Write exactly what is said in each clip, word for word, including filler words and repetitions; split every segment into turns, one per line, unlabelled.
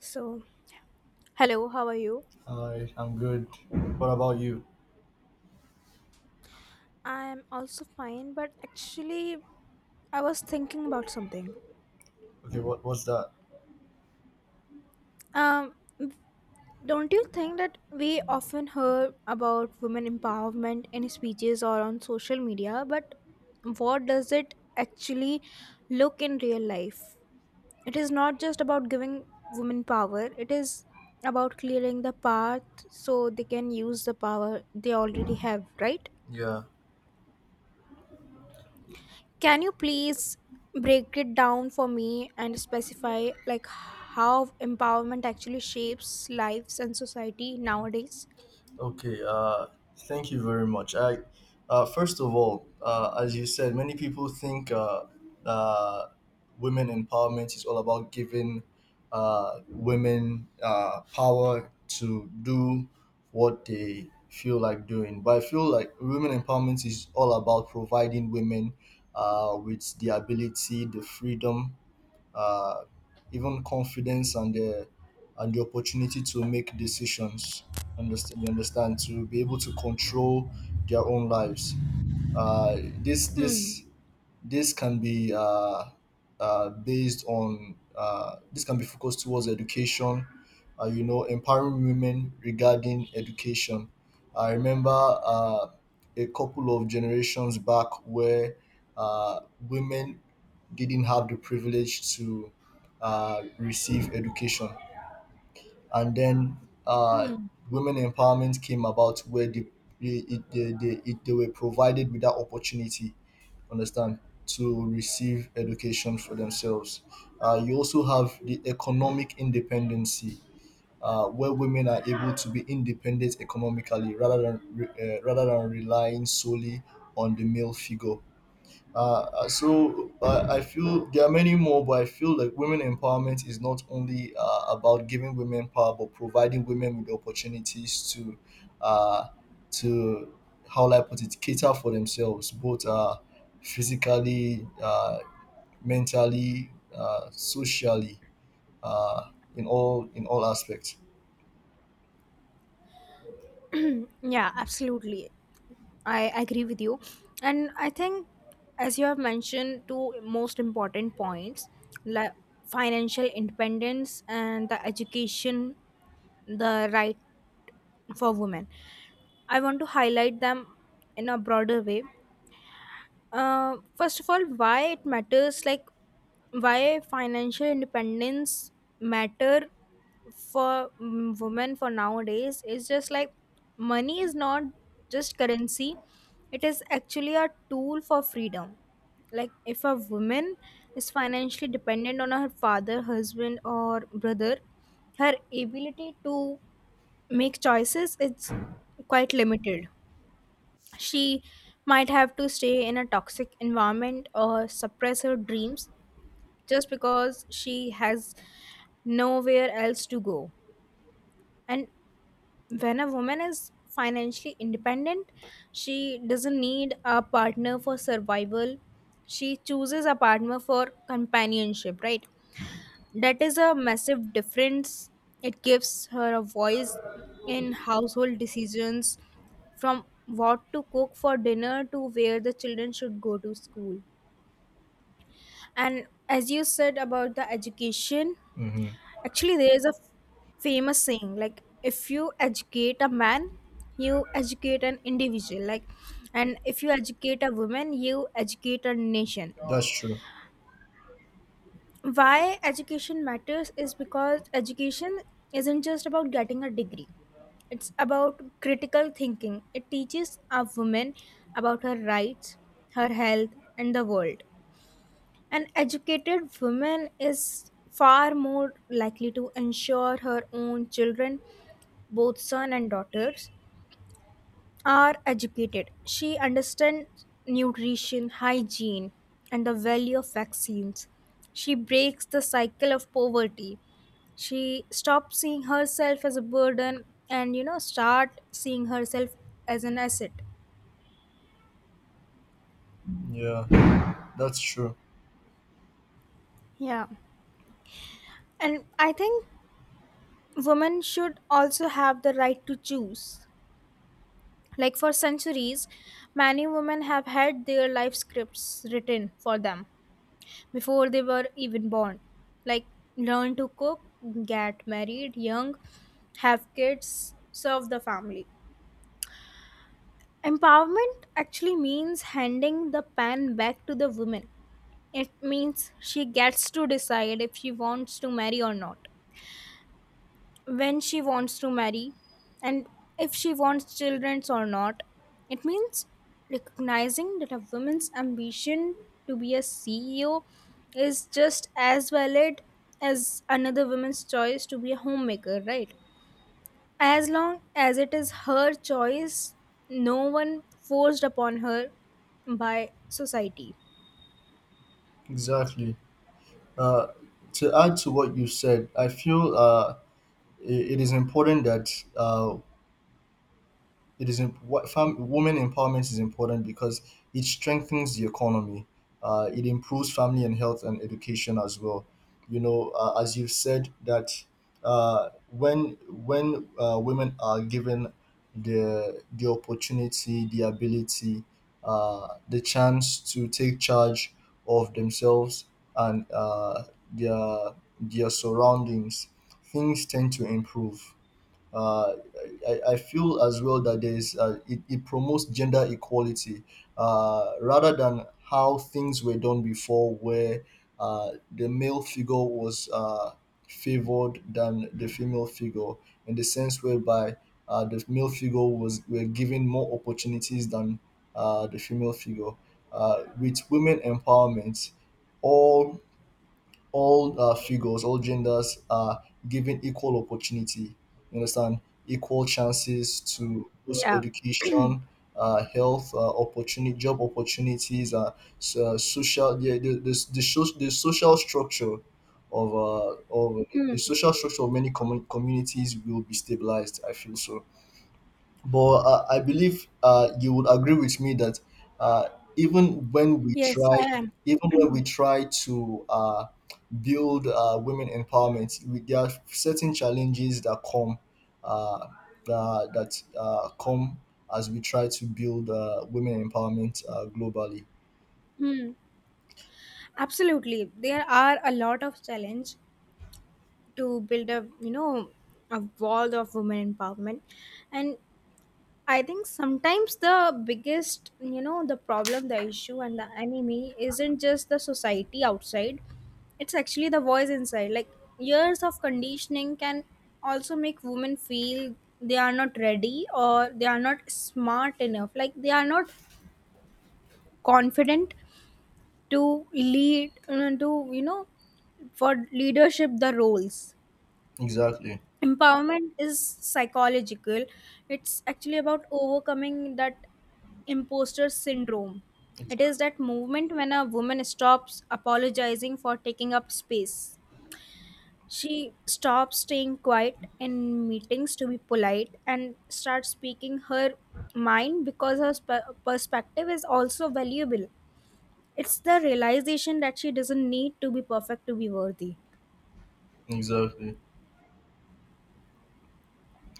So, hello, how are you?
Hi, I'm good. What about you?
I'm also fine, but actually, I was thinking about something.
Okay, what what's that?
Um, don't you think that we often hear about women empowerment in speeches or on social media, but what does it actually look in real life? It is not just about giving women power, it is about clearing the path so they can use the power they already have, right?
Yeah.
Can you please break it down for me and specify like how empowerment actually shapes lives and society nowadays?
Okay. Uh, thank you very much. I, uh, first of all, uh, as you said, many people think uh, uh, women empowerment is all about giving uh, women uh, power to do what they feel like doing. But I feel like women empowerment is all about providing women uh, with the ability, the freedom, uh, even confidence, and the and the opportunity to make decisions. Understand? You understand, to be able to control their own lives. Uh, this
Hmm.
this this can be uh, uh, based on uh, this can be focused towards education. Uh, you know, empowering women regarding education. I remember uh, a couple of generations back where uh, women didn't have the privilege to uh, receive education, and then uh,
Hmm.
women empowerment came about where they they, it- they, they, it, they were provided with that opportunity, understand, to receive education for themselves. Uh, you also have the economic independency, uh, where women are able to be independent economically, rather than re- uh, rather than relying solely on the male figure. uh, uh, so uh, I feel there are many more, but I feel like women empowerment is not only uh, about giving women power, but providing women with opportunities to, uh, to how will I put it, cater for themselves, both uh, physically, uh, mentally, uh, socially, uh, in all in all aspects.
Yeah, absolutely. I agree with you. And I think, as you have mentioned, two most important points like financial independence and the education, the right for women. I want to highlight them in a broader way. Uh, first of all, why it matters, like why financial independence matter for mm, women for nowadays is just like money is not just currency; it is actually a tool for freedom. Like if a woman is financially dependent on her father, husband, or brother, her ability to make choices is quite limited. She might have to stay in a toxic environment or suppress her dreams just because she has nowhere else to go. And when a woman is financially independent, she doesn't need a partner for survival. She chooses a partner for companionship, right? That is a massive difference. It gives her a voice in household decisions, from what to cook for dinner to where the children should go to school. And as you said about the education,
Hmm.
actually, there is a famous saying like, if you educate a man, you educate an individual, like, and if you educate a woman, you educate a nation.
That's true.
Why education matters is because education isn't just about getting a degree, it's about critical thinking. It teaches a woman about her rights, her health, and the world. An educated woman is far more likely to ensure her own children, both son and daughters, are educated. She understands nutrition, hygiene, and the value of vaccines. She breaks the cycle of poverty. She stops seeing herself as a burden and you know start seeing herself as an asset.
Yeah, that's true.
Yeah. And I think women should also have the right to choose. Like for centuries, many women have had their life scripts written for them before they were even born. Like, learn to cook, get married young, have kids, serve the family. Empowerment actually means handing the pen back to the woman. It means she gets to decide if she wants to marry or not, when she wants to marry, and if she wants children or not. It means recognizing that a woman's ambition to be a C E O is just as valid as another woman's choice to be a homemaker, right? As long as it is her choice, no one forced upon her by society.
Exactly. Uh, to add to what you said, I feel. Uh, it, it is important that uh, it is imp- what fam- women empowerment is important because it strengthens the economy. Uh, it improves family and health and education as well. You know, uh, as you've said that uh, when when uh, women are given the the opportunity, the ability, uh, the chance to take charge of themselves and uh, their their surroundings, things tend to improve. uh, I, I feel as well that there is uh, it, it promotes gender equality, uh, rather than how things were done before, where uh, the male figure was uh, favored than the female figure, in the sense whereby uh, the male figure was were given more opportunities than uh, the female figure. Uh, with women empowerment, all all uh, figures, all genders are given equal opportunity. You understand? Equal chances to both
Yeah.
education, uh, health, uh, opportunity, job opportunities, uh, so, social, the, the, the, the, so- the social structure of uh, of the
Hmm.
social structure of many commu- communities will be stabilized. I feel so. But uh, I believe uh, you would agree with me that uh, even when we
Yes,
try,
I am.
even when we try to uh, build uh, women empowerment, we, there are certain challenges that come, uh, that, that uh, come as we try to build uh, women empowerment uh, globally.
Hmm. Absolutely. There are a lot of challenge to build a you know a wall of women empowerment. And I think sometimes the biggest, you know, the problem, the issue, and the enemy isn't just the society outside, it's actually the voice inside. Like years of conditioning can also make women feel they are not ready or they are not smart enough, like they are not confident to lead, uh, to you know for leadership the roles.
Exactly.
Empowerment is psychological, it's actually about overcoming that imposter syndrome. It is that movement when a woman stops apologizing for taking up space. She stops staying quiet in meetings to be polite and starts speaking her mind because her sp- perspective is also valuable. It's the realization that she doesn't need to be perfect to be worthy.
Exactly.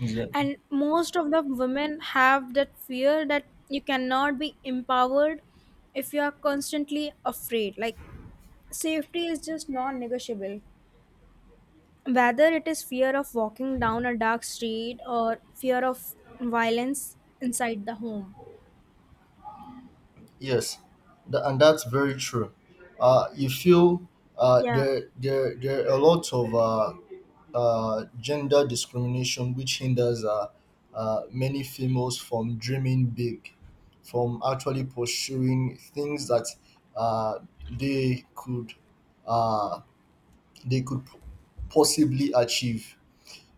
Exactly.
And most of the women have that fear that you cannot be empowered if you are constantly afraid. Like safety is just non-negotiable, whether it is fear of walking down a dark street or fear of violence inside the home.
Yes, tha- and that's very true. Uh, you feel uh,
Yeah.
there, there, there are a lot of uh, uh, gender discrimination which hinders uh, uh, many females from dreaming big, from actually pursuing things that uh, they could uh, they could possibly achieve.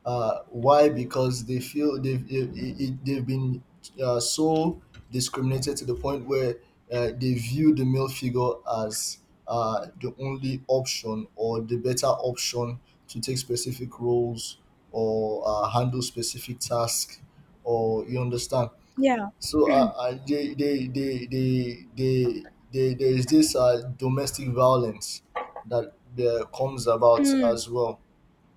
Uh, why? Because they feel they've they've, they've been uh, so discriminated to the point where uh, they view the male figure as uh, the only option or the better option to take specific roles or uh, handle specific tasks, or you understand.
Yeah.
So uh, uh, they, they, they, they, they, they, there is this uh, domestic violence that uh, comes about
Hmm.
as well,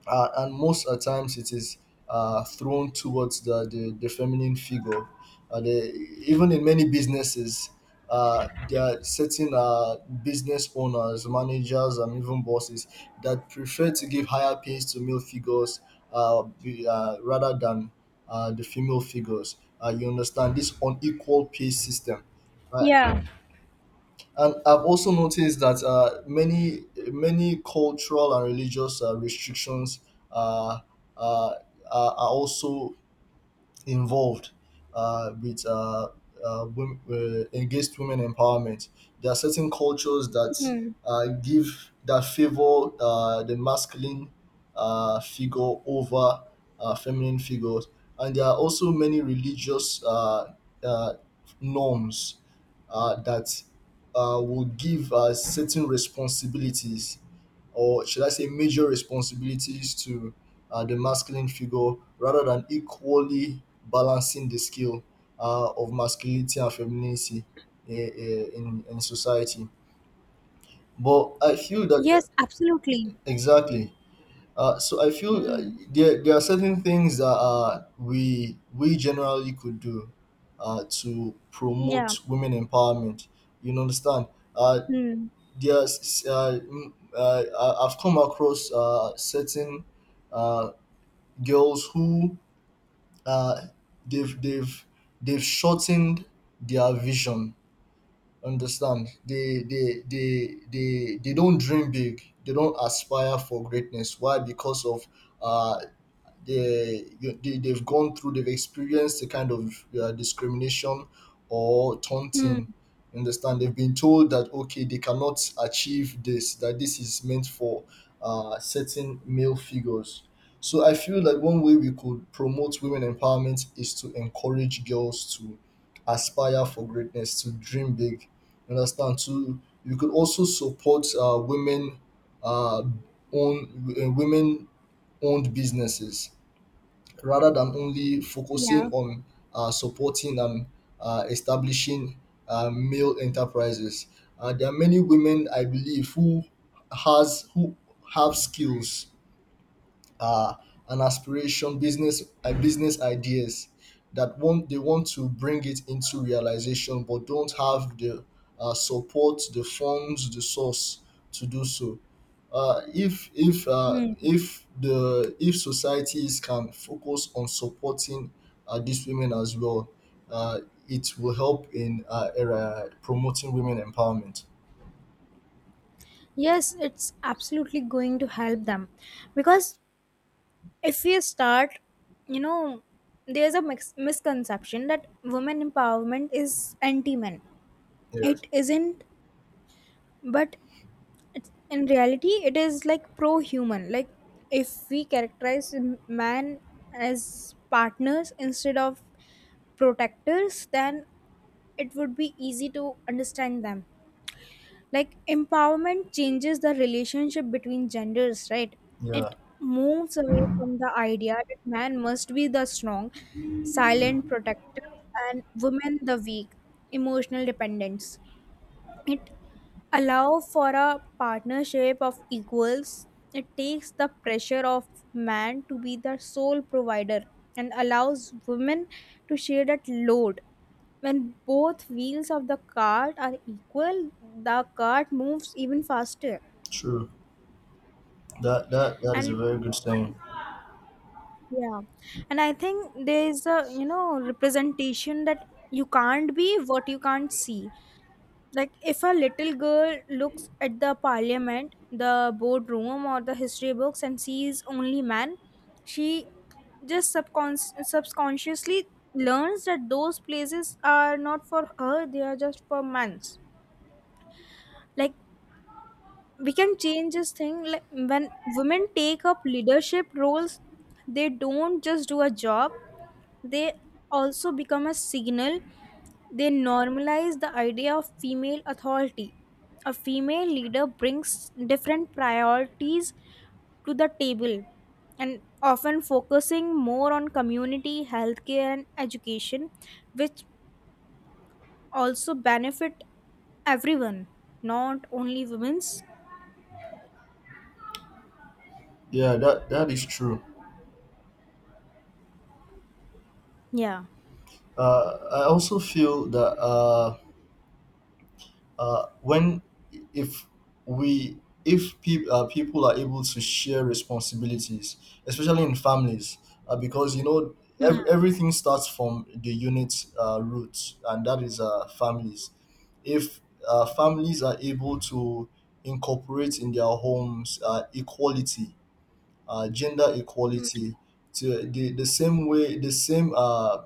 uh, and most at times it is uh, thrown towards the, the, the feminine figure. Uh, the, Even in many businesses, uh, there are certain uh, business owners, managers, and even bosses that prefer to give higher pays to male figures, uh, be, uh, rather than uh, the female figures. Uh, you understand this unequal pay system. Uh,
Yeah.
and I've also noticed that uh, many many cultural and religious uh, restrictions uh, uh, are are also involved uh, with uh, uh, wom- uh, engaged women empowerment. There are certain cultures that
Hmm.
uh, give that favor uh, the masculine uh, figure over uh, feminine figures, and there are also many religious uh, uh, norms uh, that uh, will give uh, certain responsibilities, or should I say, major responsibilities, to uh, the masculine figure, rather than equally balancing the scale uh, of masculinity and femininity i- i- in, in society. But I feel that
Yes, absolutely.
exactly. Uh, so I feel uh,
Hmm.
there, there are certain things that uh, we we generally could do uh, to
Yeah.
promote women empowerment. You understand? Uh,
Hmm.
there's uh, mm, uh, I- I've come across uh, certain uh, girls who uh they've they've they've shortened their vision, understand. They they they they they don't dream big, they don't aspire for greatness. Why? Because of, uh they, you- they they've gone through, they've experienced a kind of uh, discrimination or
Hmm.
taunting. You understand, they've been told that okay, they cannot achieve this, that this is meant for uh, certain male figures. So I feel like one way we could promote women empowerment is to encourage girls to aspire for greatness, to dream big. You understand, to you could also support uh, women uh, own uh, women owned businesses, rather than only focusing
Yeah.
on uh, supporting and uh, establishing uh, male enterprises. Uh, there are many women, I believe, who has who have skills, uh, an aspiration, business uh, business ideas that want they want to bring it into realization, but don't have the uh, support, the funds, the source to do so. Uh, if if uh,
Hmm.
if the if societies can focus on supporting uh, these women as well, uh, it will help in uh, era promoting women empowerment.
Yes, it's absolutely going to help them, because if we start, you know there's a mix- misconception that women empowerment is anti men.
Yes.
It isn't, but it's, in reality it is like pro human. Like if we characterize m- man as partners instead of protectors, then it would be easy to understand them. Like empowerment changes the relationship between genders, right?
Yeah.
It moves away from the idea that man must be the strong silent protector and women the weak emotional dependents. It allow for a partnership of equals. It takes the pressure of man to be the sole provider and allows women to share that load. When both wheels of the cart are equal, the cart moves even faster.
True. That that that is a
And
very good thing.
yeah, and I think there is, a you know representation that you can't be what you can't see. Like if a little girl looks at the parliament, the boardroom, or the history books and sees only men, she just subcons- subconsciously learns that those places are not for her, they are just for men. Like we can change this thing. Like when women take up leadership roles, they don't just do a job, they also become a signal. They normalize the idea of female authority. A female leader brings different priorities to the table and often focusing more on community, healthcare, and education, which also benefit everyone, not only women's.
Yeah, that that is true.
Yeah.
uh, I also feel that uh, uh, when if we if peop uh, people are able to share responsibilities, especially in families, uh, because you know,
Hmm.
ev- everything starts from the unit uh, roots, and that is uh, families. If uh, families are able to incorporate in their homes uh, equality, uh, gender equality, to the, the same way, the same uh,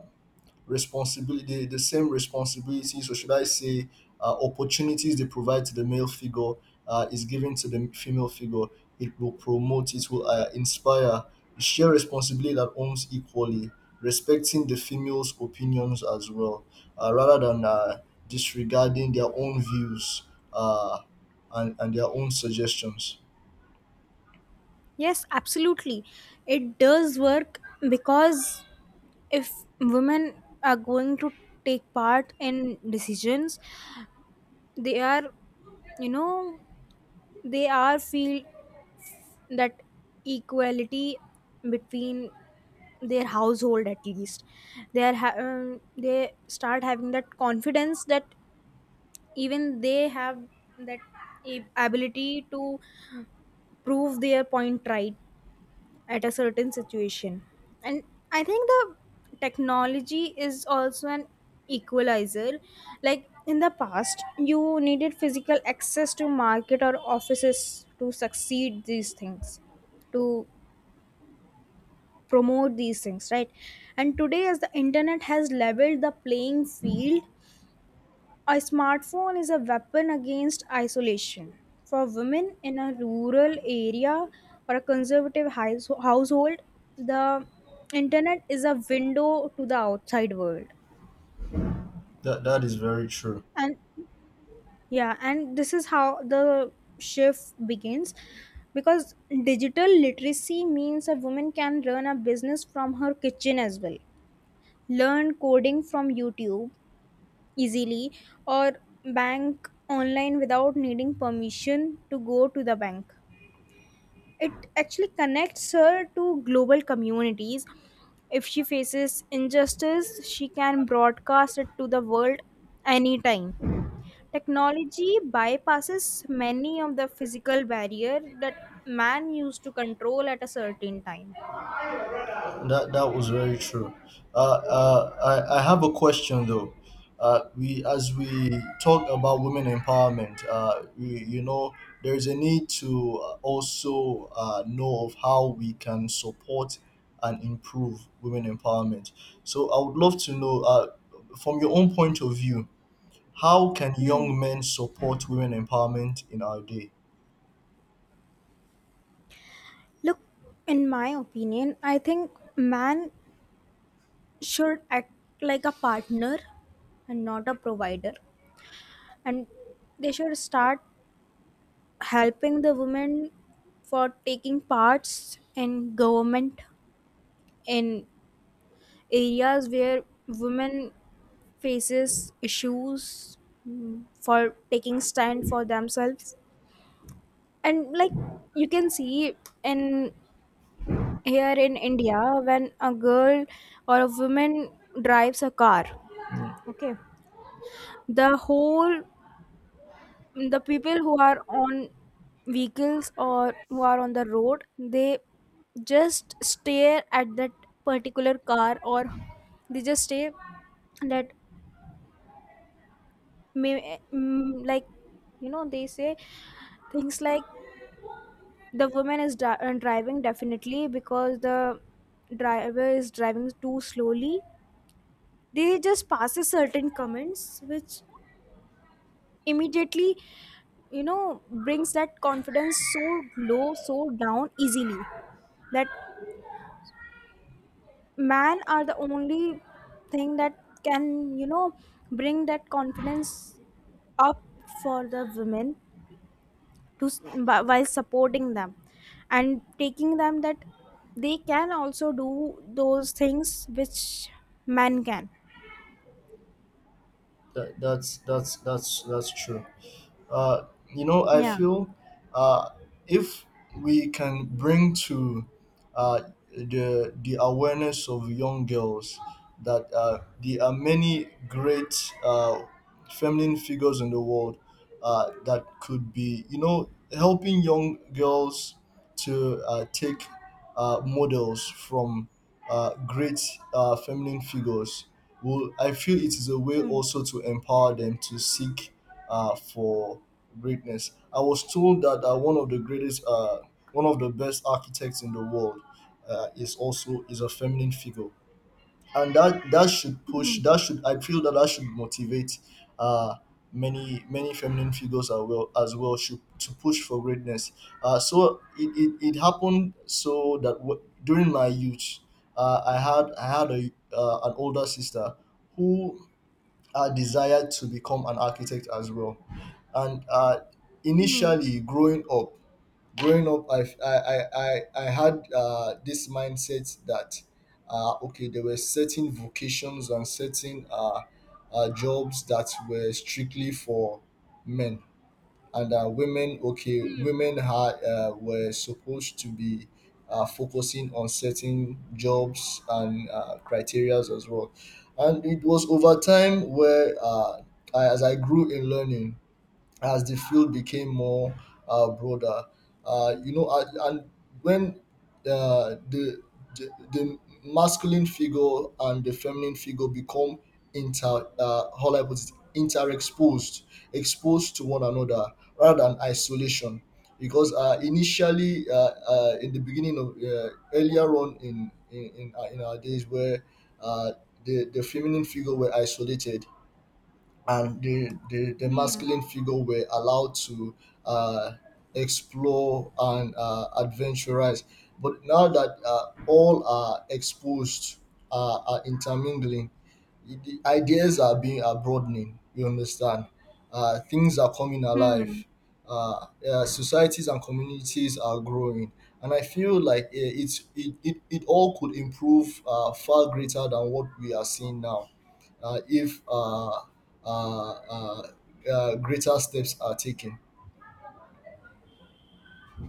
responsibility the same responsibilities, or should I say uh, opportunities, they provide to the male figure uh, is given to the female figure, it will promote, it will uh, inspire share responsibility that owns equally, respecting the female's opinions as well, uh, rather than uh, disregarding their own views uh, and, and their own suggestions.
Yes, absolutely. It does work because if women are going to take part in decisions, they are, you know they are feel that equality between their household, at least they are ha- um, they start having that confidence that even they have that ab- ability to prove their point right at a certain situation. And I think the technology is also an equalizer. Like in the past you needed physical access to market or offices to succeed these things, to promote these things, right? And today as the internet has leveled the playing field, a smartphone is a weapon against isolation. For women in a rural area or a conservative house- household, the internet is a window to the outside world.
That, that is very true.
And yeah, and this is how the shift begins, because digital literacy means a woman can run a business from her kitchen as well, learn coding from YouTube easily, or bank online without needing permission to go to the bank. It actually connects her to global communities. If she faces injustice, she can broadcast it to the world anytime. Technology bypasses many of the physical barrier that man used to control at a certain time.
That that was very true. Uh, uh, I, I have a question though. Uh, we, as we talk about women empowerment, uh, we, you know, there is a need to also uh, know of how we can support and improve women empowerment. So I would love to know, uh, from your own point of view, how can
Hmm.
young men support women empowerment in our day?
Look, in my opinion, I think man should act like a partner and not a provider, and they should start helping the women for taking parts in government, in areas where women faces issues, mm, for taking stand for themselves. And like you can see in here in india when a girl or a woman drives a car, okay, the whole, the people who are on vehicles or who are on the road, they just stare at that particular car, or they just say that, may mm, like, you know, they say things like the woman is dri- uh, driving definitely because the driver is driving too slowly. They just passes certain comments which immediately, you know, brings that confidence so low, so down easily, that man are the only thing that can, you know, bring that confidence up for the women, to s- whi- while supporting them and taking them that they can also do those things which men can.
That, that's that's that's that's true. Uh, you know, I
Yeah.
feel uh, if we can bring to uh, the the awareness of young girls that uh, there are many great uh, feminine figures in the world uh, that could be, you know, helping young girls to uh, take uh, models from uh, great uh, feminine figures. Well, I feel it is a way
Hmm.
also to empower them to seek uh, for greatness. I was told that uh, one of the greatest, uh, one of the best architects in the world, uh, is also is a feminine figure, and that that should push
Hmm.
that should I feel that that should motivate uh many many feminine figures as well as well should to push for greatness. Uh so it it, it happened so that w- during my youth, uh, i had I had a uh, an older sister who uh, desired to become an architect as well. And uh
Hmm.
Initially, growing up growing up, I I I I I had uh, this mindset that uh, okay, there were certain vocations and certain uh, uh, jobs that were strictly for men, and uh, women. Okay, women had uh, were supposed to be uh, focusing on certain jobs and uh, criterias as well. And it was over time where uh, I, as I grew in learning, as the field became more uh, broader. Uh, you know, and and when uh, the, the the masculine figure and the feminine figure become inter uh, how do I put it, interexposed, exposed to one another rather than isolation. Because uh, initially, uh, uh, in the beginning of, uh, earlier on in in in, our- in our days, where uh, the the feminine figure were isolated, and the, the, the
Hmm.
masculine figure were allowed to uh, explore and uh, adventurize. But now that uh, all are exposed, uh, are intermingling, the ideas are being are broadening. You understand? Uh, things are coming
Hmm.
alive. Uh, uh, societies and communities are growing, and I feel like uh, it's it, it, it all could improve uh, far greater than what we are seeing now uh, if uh, uh, uh, uh, Greater steps are taken.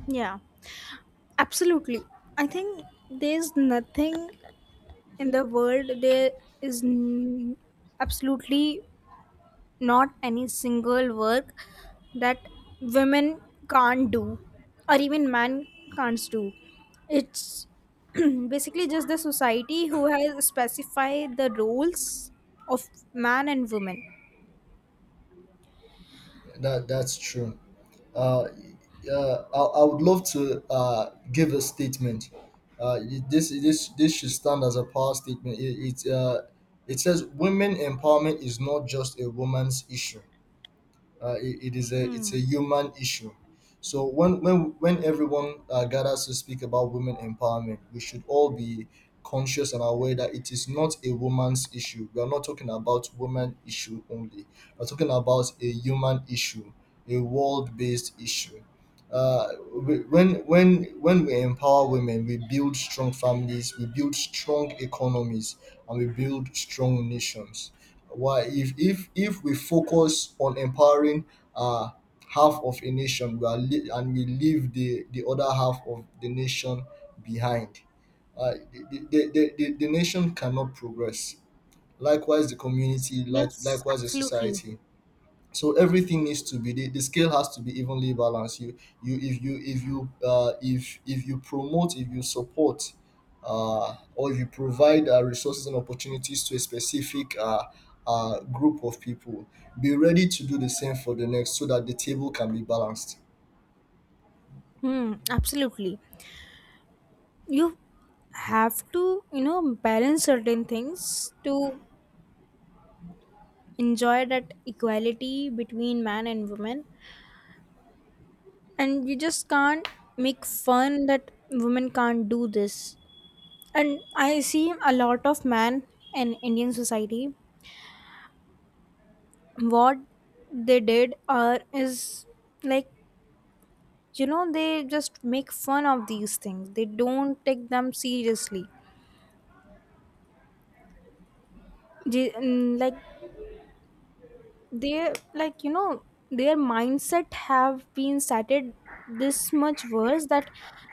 Yeah, absolutely. I think there's nothing in the world, there is n- absolutely not any single work that women can't do, or even man can't do. It's basically just the society who has specified the roles of man and woman.
That that's true. Uh, uh, I, I would love to uh, give a statement. Uh, it- this this this should stand as a power statement. It it, uh, it says women empowerment is not just a woman's issue. uh, it, it is a it's a
Hmm.
human issue. So when when when everyone uh, gathers to speak about women empowerment, we should all be conscious and aware that it is not a woman's issue. We are not talking about women issue only, we're talking about a human issue, a world-based issue. Uh, we- when when when we empower women, we build strong families, we build strong economies, and we build strong nations. Why if if if we focus on empowering uh half of a nation, we are le- and we leave the the other half of the nation behind, uh, the, the, the, the, the nation cannot progress, likewise the community, like
Yes,
likewise the
absolutely.
society. So everything needs to be— the, the scale has to be evenly balanced. you you if you if you uh, if if you promote, if you support, uh, or if you provide uh, resources and opportunities to a specific uh, uh, group of people, be ready to do the same for the next so that the table can be balanced.
Hmm, absolutely. You have to, you know, balance certain things to enjoy that equality between man and woman. And you just can't make fun that women can't do this. And I see a lot of men in indian society what they did are is like, you know, they just make fun of these things, they don't take them seriously. They, mm, like, they like, you know, their mindset have been started this much worse that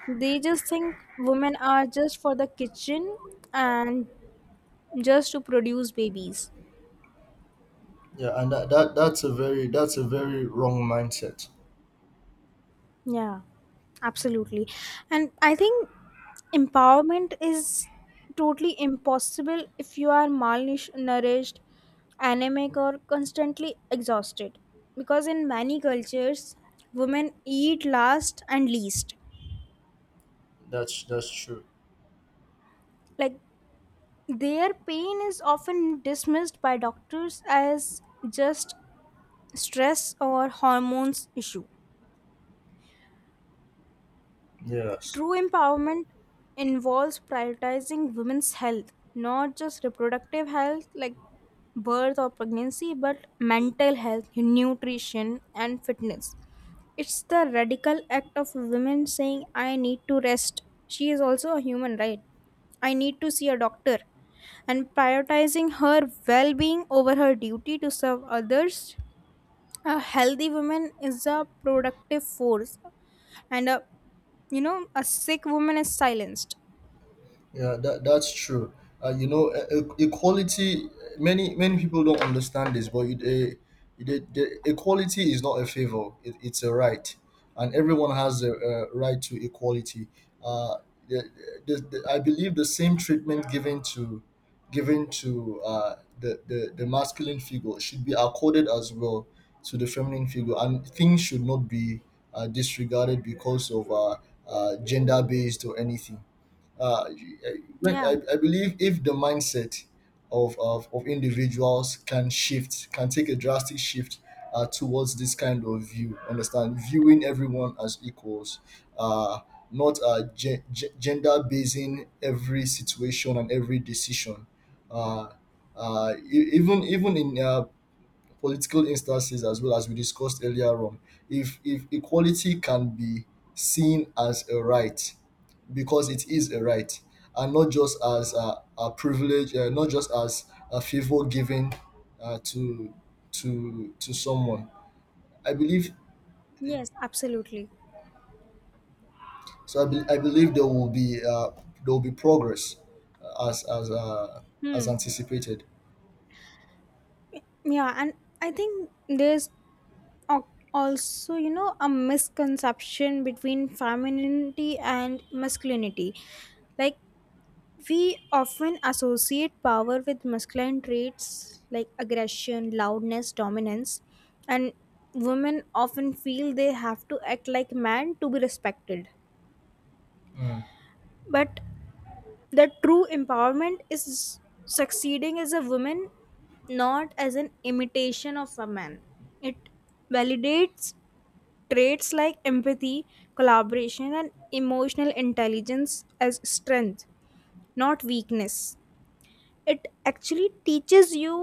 they just think women are just for the kitchen and just to produce babies.
Yeah. And that, that that's a very— that's a very wrong mindset.
Yeah, absolutely. And I think empowerment is totally impossible if you are malnourished, anemic, or constantly exhausted. Because in many cultures, women eat last and least.
That's that's true.
Like their pain is often dismissed by doctors as just stress or hormones issue.
Yeah.
True empowerment involves prioritizing women's health, not just reproductive health like birth or pregnancy, but mental health, nutrition, and fitness. It's the radical act of women saying, I need to rest. She is also a human, right? I need to see a doctor. And prioritizing her well being over her duty to serve others. A healthy woman is a productive force, and a, you know, a sick woman is silenced.
Yeah, that, that's true. Uh, you know, e- e- equality. Many many people don't understand this, but it, uh, the, the equality is not a favor; it, it's a right, and everyone has a uh right to equality. Uh, the, the, the, I believe the same treatment given to— given to uh, the, the the masculine figure should be accorded as well to the feminine figure, and things should not be uh, disregarded because of uh, uh, gender based or anything. uh,
Yeah.
I, I believe if the mindset of, of, of individuals can shift, can take a drastic shift uh, towards this kind of view, understand, viewing everyone as equals, uh, not uh, ge- ge- gender basing every situation and every decision. Uh, uh, e- even even in uh, political instances, as well as we discussed earlier on, if if equality can be seen as a right, because it is a right, and not just as a, a privilege, uh, not just as a favor given uh, to to to someone, I believe.
Yes, absolutely.
so i, be, I believe there will be uh, there will be progress, uh, as as uh, as
Hmm.
anticipated.
Yeah, and I think there's al- also, you know, a misconception between femininity and masculinity. Like, we often associate power with masculine traits like aggression, loudness, dominance, and women often feel they have to act like man to be respected. But the true empowerment is succeeding as a woman, not as an imitation of a man. It validates traits like empathy, collaboration, and emotional intelligence as strength, not weakness. It actually teaches you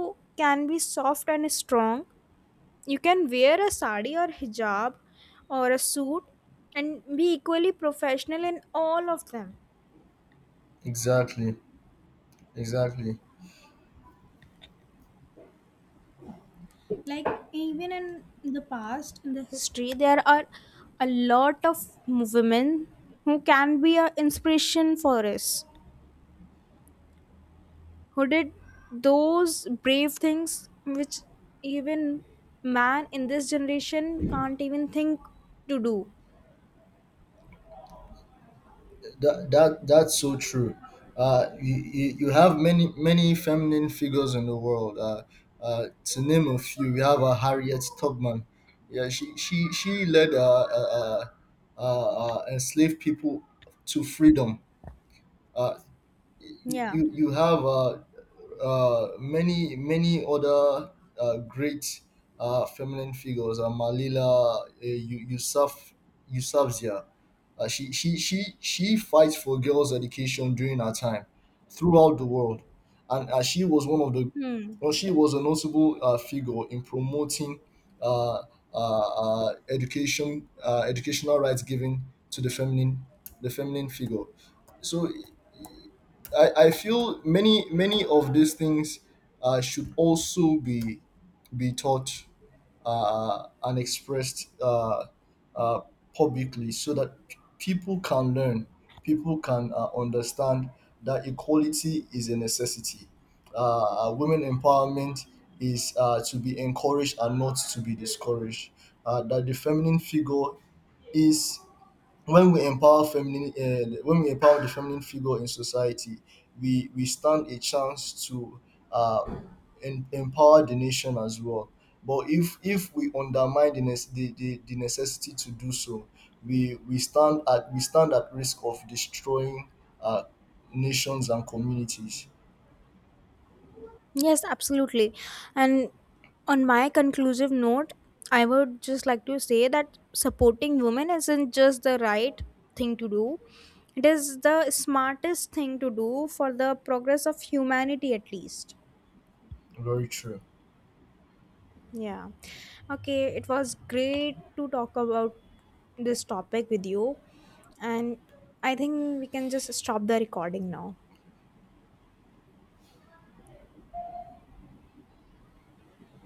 can be soft and strong. You can wear a sari or hijab or a suit and be equally professional in all of them.
Exactly. Exactly.
Like even in the past, in the history, there are a lot of women who can be an inspiration for us, who did those brave things which even man in this generation can't even think to do.
That, that that's so true. Uh, you, you, you have many many feminine figures in the world. Uh, uh, to name a few, we have a Harriet Tubman. Yeah, she she she led uh, uh, uh, uh, uh, enslaved people to freedom. Uh, you
Yeah.
you you have uh, uh, many many other uh, great uh, feminine figures are Malila, uh, Yu- Yusuf, Yusufzia. Uh, she she she she fights for girls' education during her time throughout the world, and uh, she was one of the—
Hmm.
well, she was a notable uh, figure in promoting uh, uh, uh, education, uh, educational rights given to the feminine, the feminine figure. So I, I feel many many of these things uh, should also be— be taught uh, and expressed uh, uh, publicly so that p- people can learn, people can uh, understand that equality is a necessity. Uh, uh, women empowerment is uh, to be encouraged and not to be discouraged. Uh, that the feminine figure is— when we empower feminine, uh, when we empower the feminine figure in society, we we stand a chance to uh, em- empower the nation as well. But if if we undermine the— nece- the, the, the necessity to do so, we we stand at we stand at risk of destroying uh, nations and communities.
Yes, absolutely. And on my conclusive note, I would just like to say that supporting women isn't just the right thing to do, it is the smartest thing to do for the progress of humanity, at least.
Very true.
Yeah. Okay, it was great to talk about this topic with you. And I think we can just stop the recording now.